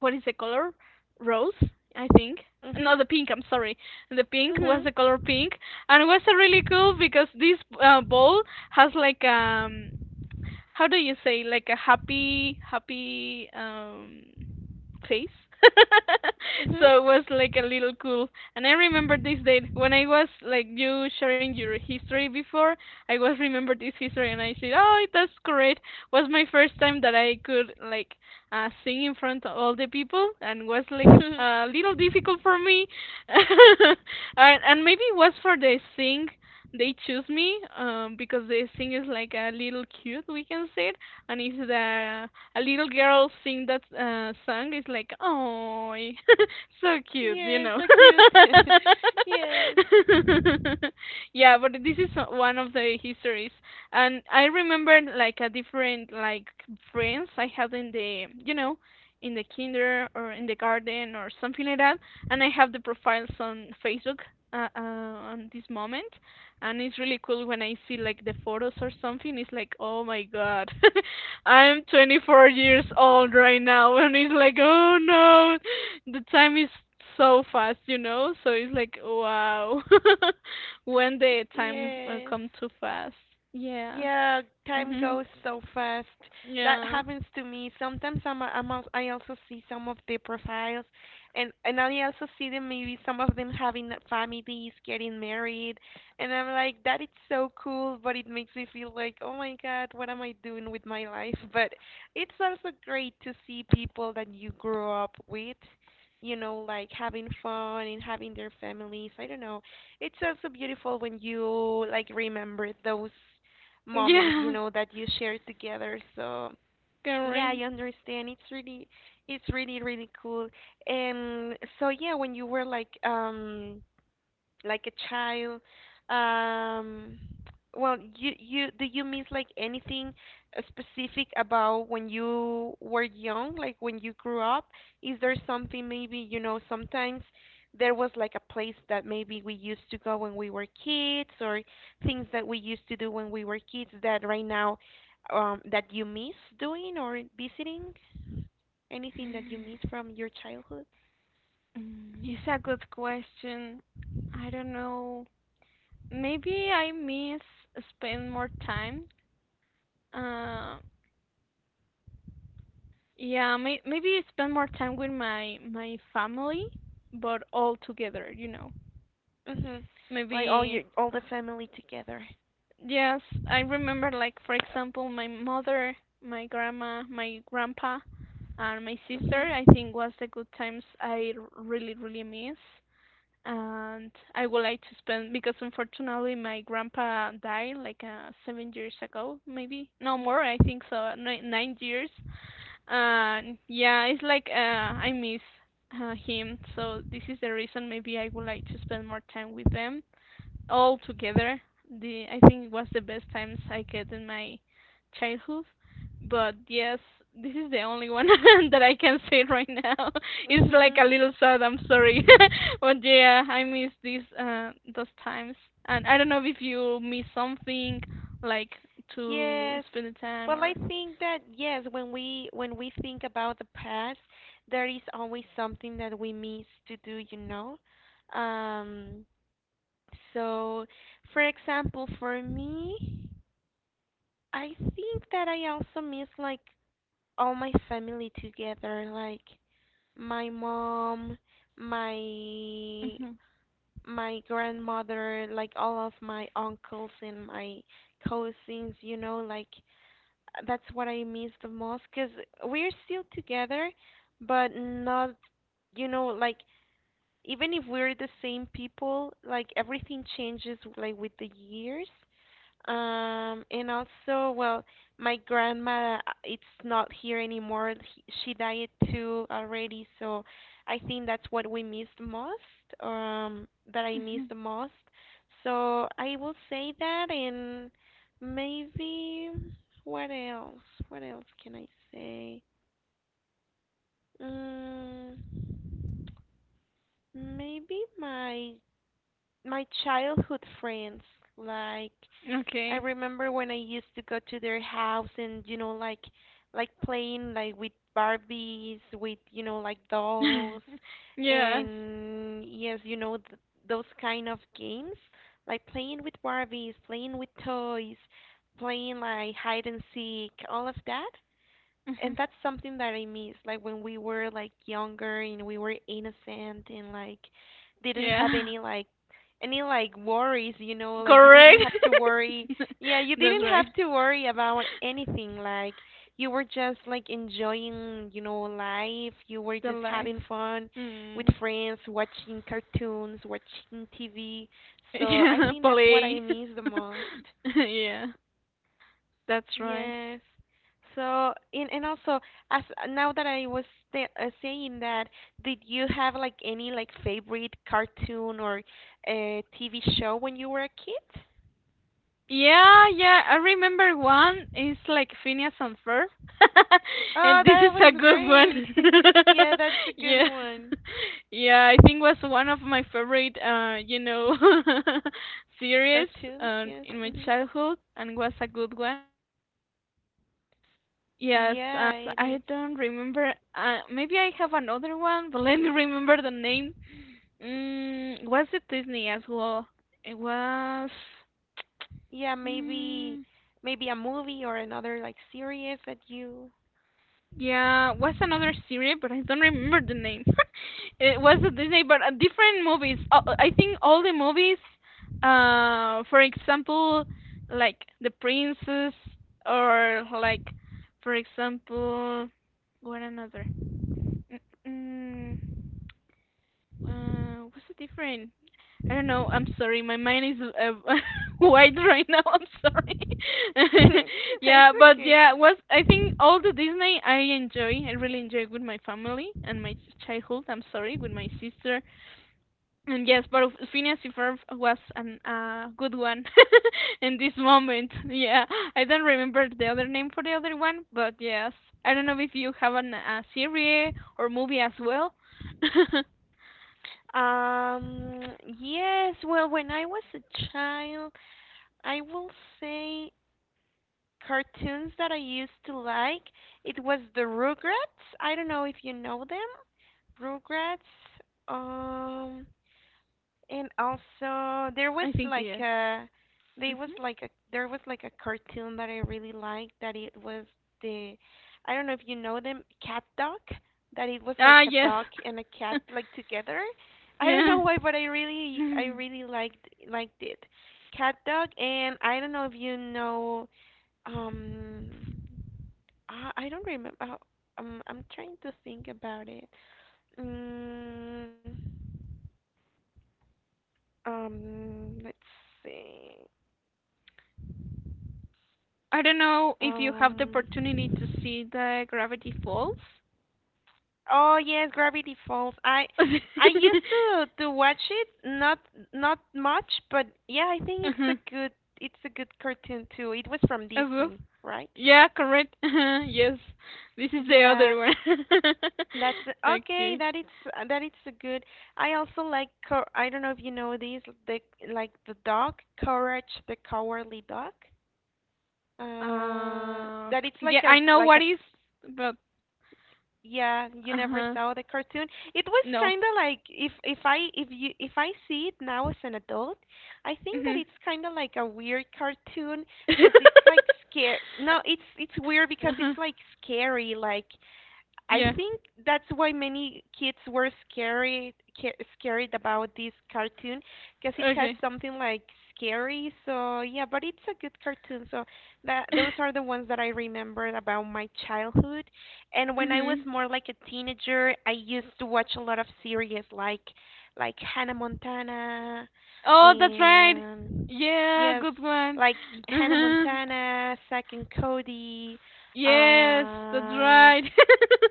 what is the color? Rose, I think.
Mhm.
No, the pink. I'm sorry. The pink was the
Mhm.
color pink, and it was uh, really cool because this uh, ball has like um, how do you say like a happy happy um face. So
Mhm.
it was like a little cool, and I remember this date when I was like you sharing your history before, I was remember this history and I said, oh, that's great. Was my first time that I could like uh sing in front of all the people, and was like
Mhm.
a little difficult for me. and, and maybe it was for the sing they choose me um, because the thing is like a little cute, we can say it, and if the a little girl sing that uh, song, it's like oh, so cute, you
Yes,
know.
so cute. Yes.
Yeah, but this is o- one of the histories, and I remember like a different like friends I had in the you know in the kinder or in the garden or something like that, and I have the profiles on Facebook, uh, uh, on this moment, and it's really cool when I see like the photos or something. It's like, oh my god, I'm twenty-four years old right now, and it's like, oh no, the time is so fast, you know. So it's like, wow, when the time will
Yes.
come too fast. Yeah.
Yeah, time
Hmm.
goes so fast. That
Yeah.
happens to me. Sometimes I'm, a- I'm al- I also see some of the profiles, and and I also see them, maybe some of them having families, getting married, and I'm like, that is so cool, but it makes me feel like, oh my God, what am I doing with my life? But it's also great to see people that you grew up with, you know, like having fun and having their families. I don't know, it's also beautiful when you like remember those moments, you
Yeah.
know, that you share together. So yeah,
Correct.
I understand. It's really, it's really, really cool. And so yeah, when you were like um like a child, um well, you you do you miss like anything uh, specific about when you were young, like when you grew up, is there something, maybe, you know, sometimes there was like a place that maybe we used to go when we were kids, or things that we used to do when we were kids that right now, um that you miss doing or visiting, anything that you miss from your childhood?
Mm, it's a good question. I don't know. Maybe I miss spend more time. Uh. Yeah, may maybe spend more time with my my family, but all together, you know.
Mhm. Like all
Maybe
your, all the family together?
yes, I remember like for example, my mother, my grandma, my grandpa, and my sister.
Mhm.
I think was the good times I r- really really miss, and I would like to spend because unfortunately my grandpa died like uh, seven years ago, maybe no more. I think so, nine, nine years. And yeah, it's like uh, I miss uh, him, so this is the reason maybe I would like to spend more time with them all together. The I think it was the best times I get in my childhood. But yes, this is the only one that I can say right now. It's
Mm-hmm.
like a little sad. I'm sorry, but yeah, I miss these uh, those times. And I don't know if you miss something like to
Yes.
spend the time
Well, I
or.
think that yes, when we when we think about the past, there is always something that we miss to do, you know. Um, so for example, for me, I think that I also miss like all my family together, like my mom, my
Mhm.
my grandmother, like all of my uncles and my cousins, you know, like that's what I miss the most because we're still together, but not, you know, like even if we're the same people, like everything changes like with the years. Um, and also, well, my grandma, uh, it's not here anymore. He- She died too already, so I think that's what we missed most, um, that I missed
Mhm.
the most. So I will say that, and maybe what else? What else can I say? Mm, maybe my my childhood friends, like. I
Okay.
remember when I used to go to their house, and you know, like like playing like with Barbies, with, you know, like dolls,
Yes.
and yes, you know, th- those kind of games, like playing with Barbies, playing with toys, playing like hide and seek, all of that. And that's something that I miss. Like when we were like younger and we were innocent and like didn't have
Yeah.
any like, any like worries, you know, like you didn't
Correct.
have to worry. Yeah, you
That's
didn't
right.
have to worry about anything. Like you were just like enjoying, you know, life. You were
The
just having
life.
fun with
Mm.
friends, watching cartoons, watching T V. So I
Yeah,
think that's what
play.
I miss the most.
Yeah, that's right.
Yes. So, and and also, as now that I was th uh, saying that, did you have like any like favorite cartoon or uh, T V show when you were a kid?
Yeah, yeah, I remember one is like Phineas and Ferb.
Oh,
And this is
that
a
was
good
great.
one.
Yeah, that's a good
Yeah.
one.
Yeah, I think was one of my favorite uh, you know, series
Cartoons,
um
yes.
in my
Hmm.
childhood and was a good one. Yes, uh,
Yeah, it is.
I don't remember. Uh, maybe I have another one, but let me remember the name. Mm, was it Disney as well? It was.
Yeah, maybe,
Mm,
maybe a movie or another like series that you.
yeah, was another series, but I don't remember the name. It was a Disney, but uh, different movies. Uh, I think all the movies, uh, for example, like The Princess, or like, for example, what another? mm mm, Uh, what's the difference? I don't know. I'm sorry. My mind is uh, wide right now. I'm sorry.
It's
Yeah, but
okay.
yeah, was I think all the Disney I enjoy. I really enjoy with my family and my ch- childhood. I'm sorry, with my sister. And yes, but of- Phineas and Ferb was an uh good one in this moment. Yeah, I don't remember the other name for the other one, but yes, I don't know if you have an, a series or movie as well. I
Um, yes, well, when I was a child, I will say cartoons that I used to like. It was the Rugrats. I don't know if you know them. Rugrats. Um, and also there was
think
like
yes.
a, they was
Mhm.
like a there was like a cartoon that I really liked, that it was the I don't know if you know them, Cat Dog, that it was like
Ah,
a
yes.
dog and a cat like together. I don't know
Yeah.
why, but I really I
Hmm.
really liked liked it. Cat Dog. And I don't know if you know, um I, I don't remember. Oh, um I'm trying to think about it. Mm, um let's see.
I don't know if you have the
Um,
opportunity to see the Gravity Falls.
oh yes, Gravity Falls. I I used to to watch it, not not much, but yeah, I think it's
Uh-huh.
a good, it's a good cartoon too. It was from
As well.
Disney, right?
Yeah, correct. Yes. This is the other
Yeah,
one.
that's okay.
Okay.
That it's, that it's a good. I also like Co- I don't know if you know these, the like the dog, Courage the Cowardly Dog. Uh,
Uh,
that it's
yeah,
like a,
I know
like
what
a.
is, but
Yeah, you never
uh-huh.
saw the cartoon. It was
No.
kind of like, if if I if you if I see it now as an adult, I think that
Mhm.
it's kind of like a weird cartoon because it's like scary. No, it's it's weird because
Uh-huh.
it's like scary. Like I
Yeah.
think that's why many kids were scary, ca- scared about this cartoon because it has
Okay.
something like scary. So yeah, but it's a good cartoon. So that those are the ones that I remembered about my childhood. And when I was
Mhm.
more like a teenager, I used to watch a lot of series like like Hannah Montana
Oh, that's right.
and
Yeah,
yes,
good one.
like Hannah
Uh-huh.
Montana, Zack and Cody.
Yes, that's
Uh,
right.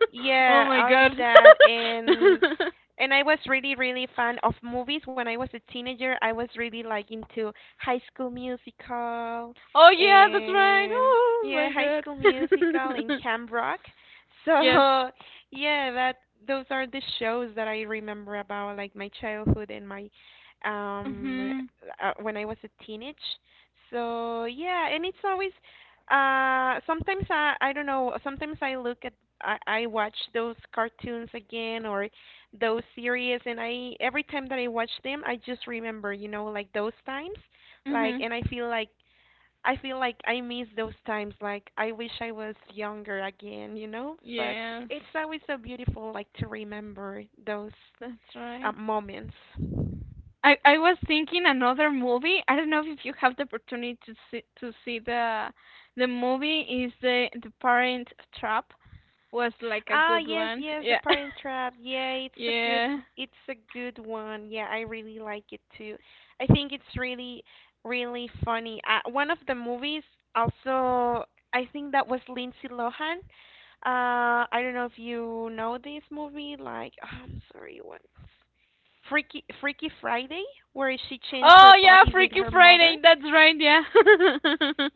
Oh
yeah,
my
all of
god.
that and and I was really really fan of movies when I was a teenager. I was really like into High School Musical
Oh yeah, that's right.
and
Oh
yeah,
my
High
god.
School Musical and Camp Rock. So,
Yes.
yeah, that those are the shows that I remember about like my childhood and my um
Mhm.
uh, when I was a teenage. So, yeah, and it's always uh, sometimes I I don't know. Sometimes I look at I I watch those cartoons again or those series, and I every time that I watch them, I just remember, you know, like those times, like,
Mhm.
and I feel like I feel like I miss those times. Like I wish I was younger again, you know. But
Yes,
it's always so beautiful, like to remember those
that's
uh,
right.
moments.
I I was thinking another movie. I don't know if you have the opportunity to see to see the the movie is the the Parent Trap, was like a
Ah,
good
yes,
one.
yes, The
Yeah.
Parent Trap. Yeah, it's a good
Yeah.
it's a good one. Yeah, I really like it too. I think it's really really funny. Uh, one of the movies also I think that was Lindsay Lohan. Uh, I don't know if you know this movie like oh, I'm sorry, what Freaky Freaky Friday where she changed her
Oh yeah,
body with
Freaky
her
Friday.
mother.
That's right. Yeah.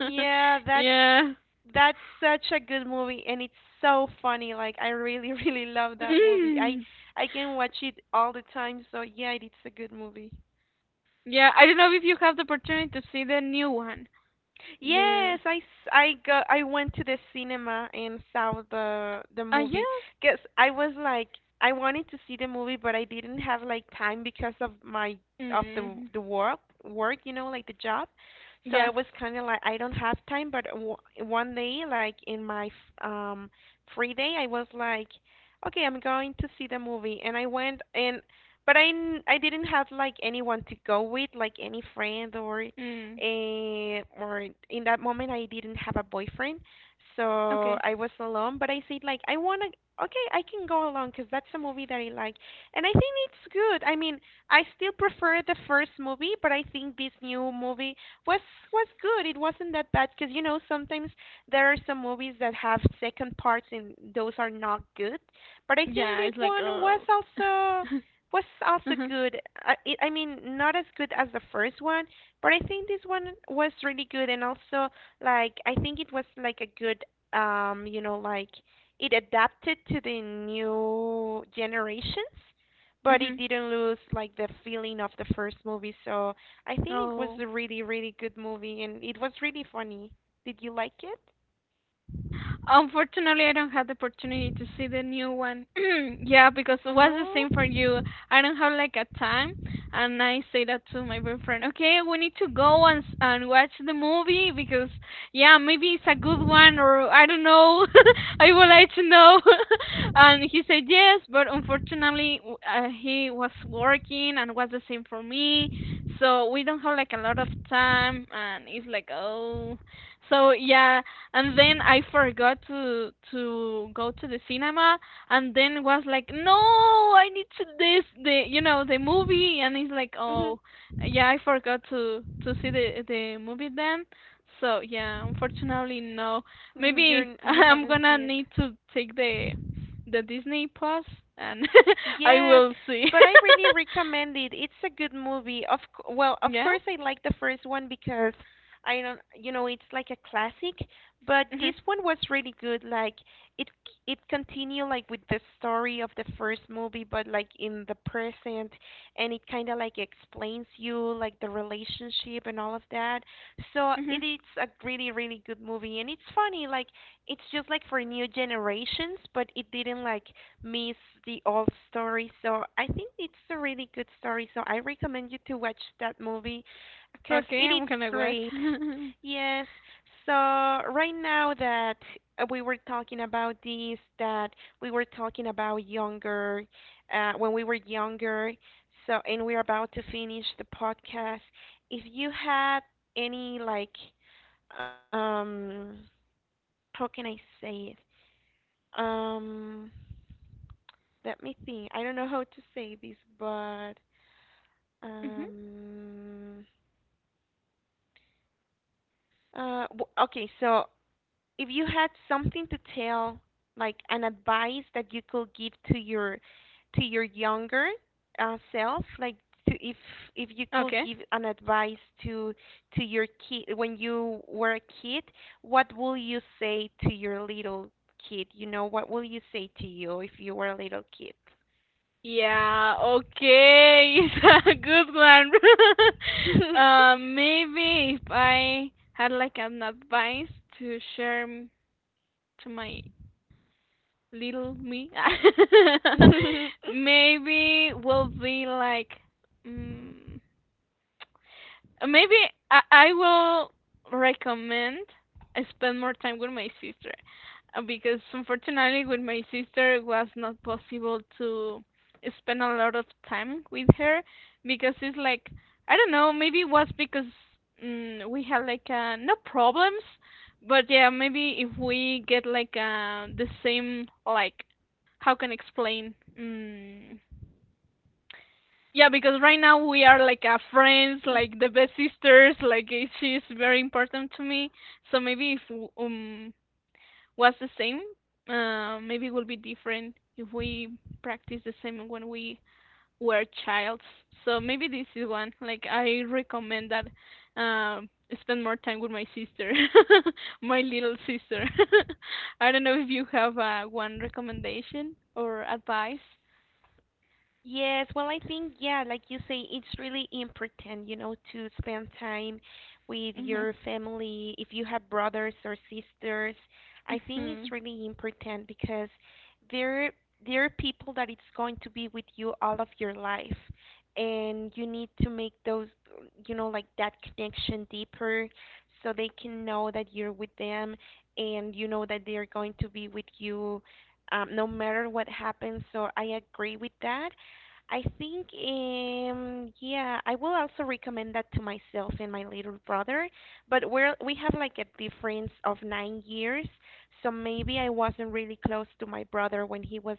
Yeah, that's
Yeah.
that's such a good movie and it's so funny. Like I really, really love that movie. I
Mm.
I can watch it all the time, so yeah, it's a good movie.
Yeah. I don't know if you have the opportunity to see the new one. The
Yes, I s- I go I went to the cinema and saw the the
ah
movie
yeah.
because I was like I wanted to see the movie but I didn't have like time because of my of the
Mm.
the work work you know like the job, so I
Yes.
was kind of like I don't have time but w one day like in my f- um free day I was like okay, I'm going to see the movie and I went and but I n- I didn't have like anyone to go with like any friend or
Mm.
eh, or in that moment I didn't have a boyfriend, so
Okay.
I was alone. But I said like I wanna, okay, I can go alone because that's a movie that I like, and I think it's good. I mean, I still prefer the first movie, but I think this new movie was was good. It wasn't that bad because you know sometimes there are some movies that have second parts and those are not good, but I think
Yeah.
this
It's like
one was
oh.
also was also
Mhm.
good. I, it, I mean, not as good as the first one, but I think this one was really good, and also like I think it was like a good, um, you know, like it adapted to the new generations, but it
Mhm.
didn't lose like the feeling of the first movie. So I think it was
Oh.
a really, really good movie, and it was really funny. Did you like it?
Unfortunately, I don't have the opportunity to see the new one. Yeah, because it was the
No?
same for you. I don't have like a time, and I say that to my boyfriend. Okay, we need to go and s- and watch the movie because yeah, maybe it's a good one or I don't know. I would like to know. And he said yes, but unfortunately, w- uh, he was working and was the same for me, so we don't have like a lot of time, and it's like oh. So yeah, and then I forgot to to go to the cinema, and then was like, no, I need to this the you know the movie, and it's like, oh, yeah, I forgot to to see the the movie then. So yeah, unfortunately no.
Mm,
Maybe
You're you
I'm
haven't
gonna
seen it.
need to take the the Disney Plus, and I
Yes,
will see.
but I really recommend it. It's a good movie. Of c- well, of
Yeah.
course I like the first one because I don't, you know, it's like a classic, but
Mhm.
this one was really good. Like it it continued like with the story of the first movie but like in the present and it kind of like explains you like the relationship and all of that. So it
Mhm.
is a really really good movie and it's funny like it's just like for new generations, but it didn't like miss the old story. So I think it's a really good story. So I recommend you to watch that movie because it
Okay, I'm
is
gonna watch.
great. Yes. So right now that uh, we were talking about this, that we were talking about younger, uh, when we were younger. So and we're about to finish the podcast. If you had any like, um, how can I say it? Um. Let me think. I don't know how to say this, but
Mhm.
um, uh, w- okay. So if you had something to tell, like an advice that you could give to your to your younger uh, self, like to, if if you could
Okay.
give an advice to to your kid when you were a kid, what will you say to your little kid? You know, what will you say to you if you were a little kid?
Yeah, okay, it's a good one. Uh, maybe if I had like an advice to share m- to my little me, maybe will be like, mm. Maybe I, I will recommend I spend more time with my sister, uh, because unfortunately with my sister it was not possible to spend a lot of time with her, because it's like I don't know, maybe it was because mm, we had like uh, no problems, but yeah maybe if we get like uh, the same like, how can I explain, mm, yeah, because right now we are like a friends, like the best sisters. Like eh, she's very important to me. So maybe if w- um was the same, uh, maybe it would be different if we practice the same when we were childs. So maybe this is one. Like I recommend that um spend more time with my sister, my little sister. I don't know if you have uh, one recommendation or advice.
Yes, well, I think, yeah, like you say, it's really important, you know, to spend time with
Mhm.
your family. If you have brothers or sisters, I think it's
Mhm.
really important because they're they're people that it's going to be with you all of your life, and you need to make those, you know, like that connection deeper so they can know that you're with them and you know that they're going to be with you um, no matter what happens. So I agree with that. I think, um, yeah, I will also recommend that to myself and my little brother. But we're we have like a difference of nine years, so maybe I wasn't really close to my brother when he was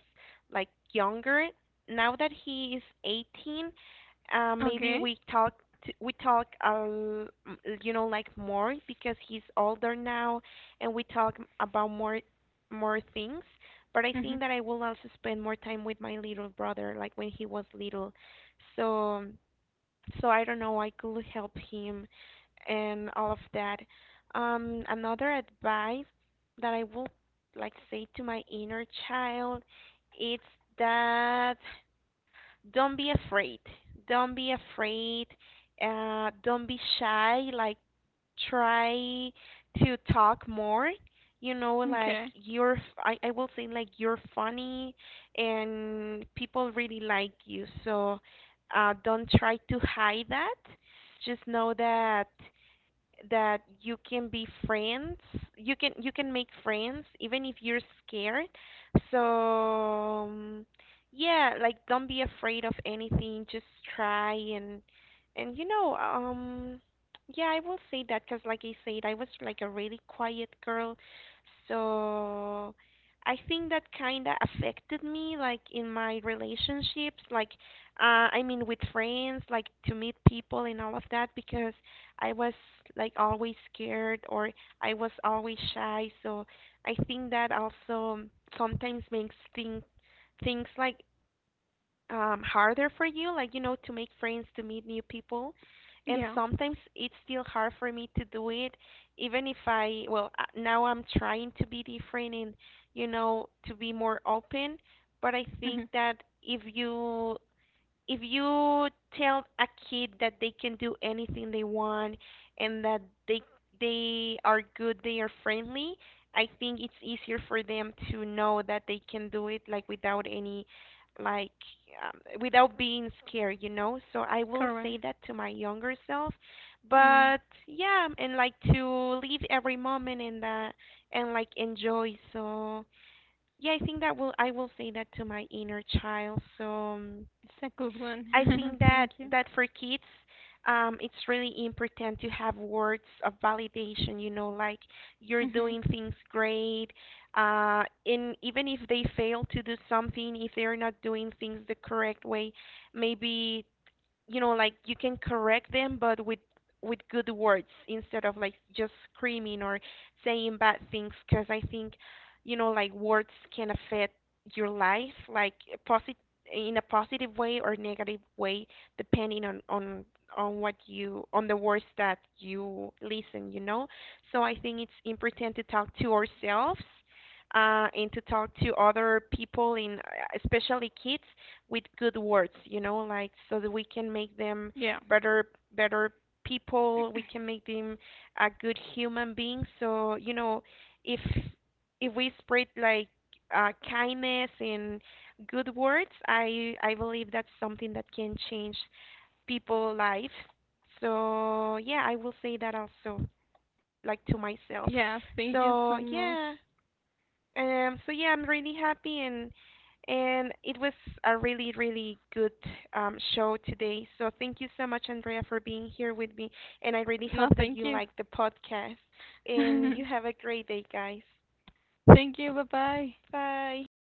like younger. Now that he is eighteen, uh, maybe
Okay.
we talk t- we talk uh, you know like more because he's older now, and we talk about more more things but I think that I will also spend more time with my little brother, like when he was little. So, so I don't know, I could help him and all of that. Um, another advice that I will like say to my inner child, it's that don't be afraid. Don't be afraid. Uh, don't be shy. Like try to talk more you know like
Okay.
you're f- I, I will say like you're funny and people really like you so uh, don't try to hide that, just know that that you can be friends, you can you can make friends even if you're scared so um, yeah, like don't be afraid of anything, just try and and you know um yeah, I will say that because like I said I was like a really quiet girl so I think that kind of affected me like in my relationships like uh I mean with friends like to meet people and all of that because I was like always scared or I was always shy. So I think that also sometimes makes things things like um harder for you, like you know, to make friends, to meet new people. And
Yeah.
sometimes it's still hard for me to do it, even if I, well, uh, now I'm trying to be different and, you know, to be more open. But I
Mm-hmm.
think that if you if you tell a kid that they can do anything they want and that they they are good, they are friendly, I think it's easier for them to know that they can do it like without any like um, without being scared, you know? So I will
Correct.
say that to my younger self,
Mm.
but yeah, and like to live every moment in that and like enjoy. So yeah, I think that will I will say that to my inner child. So um,
It's a good one.
I think that
Thank you.
that for kids, um, it's really important to have words of validation. You know, like you're
Mm-hmm.
doing things great. Uh, and even if they fail to do something, if they're not doing things the correct way, maybe you know like you can correct them but with with good words instead of like just screaming or saying bad things because I think you know like words can affect your life like positive in a positive way or negative way depending on on on what you on the words that you listen you know, so I think it's important to talk to ourselves uh, and to talk to other people in especially kids with good words, you know, like so that we can make them
Yeah.
better better people, we can make them a good human being. So, you know, if if we spread like uh, kindness and good words, I I believe that's something that can change people's lives. So, yeah, I will say that also like to
Yeah.
myself.
Thank you so
So,
much.
yeah, um, so yeah, I'm really happy and and it was a really really good um, show today. So thank you so much, Andrea, for being here with me. And I really
No,
hope that
thank
you
you.
like the podcast. And you have a great day, guys.
Thank you. Bye bye.
Bye.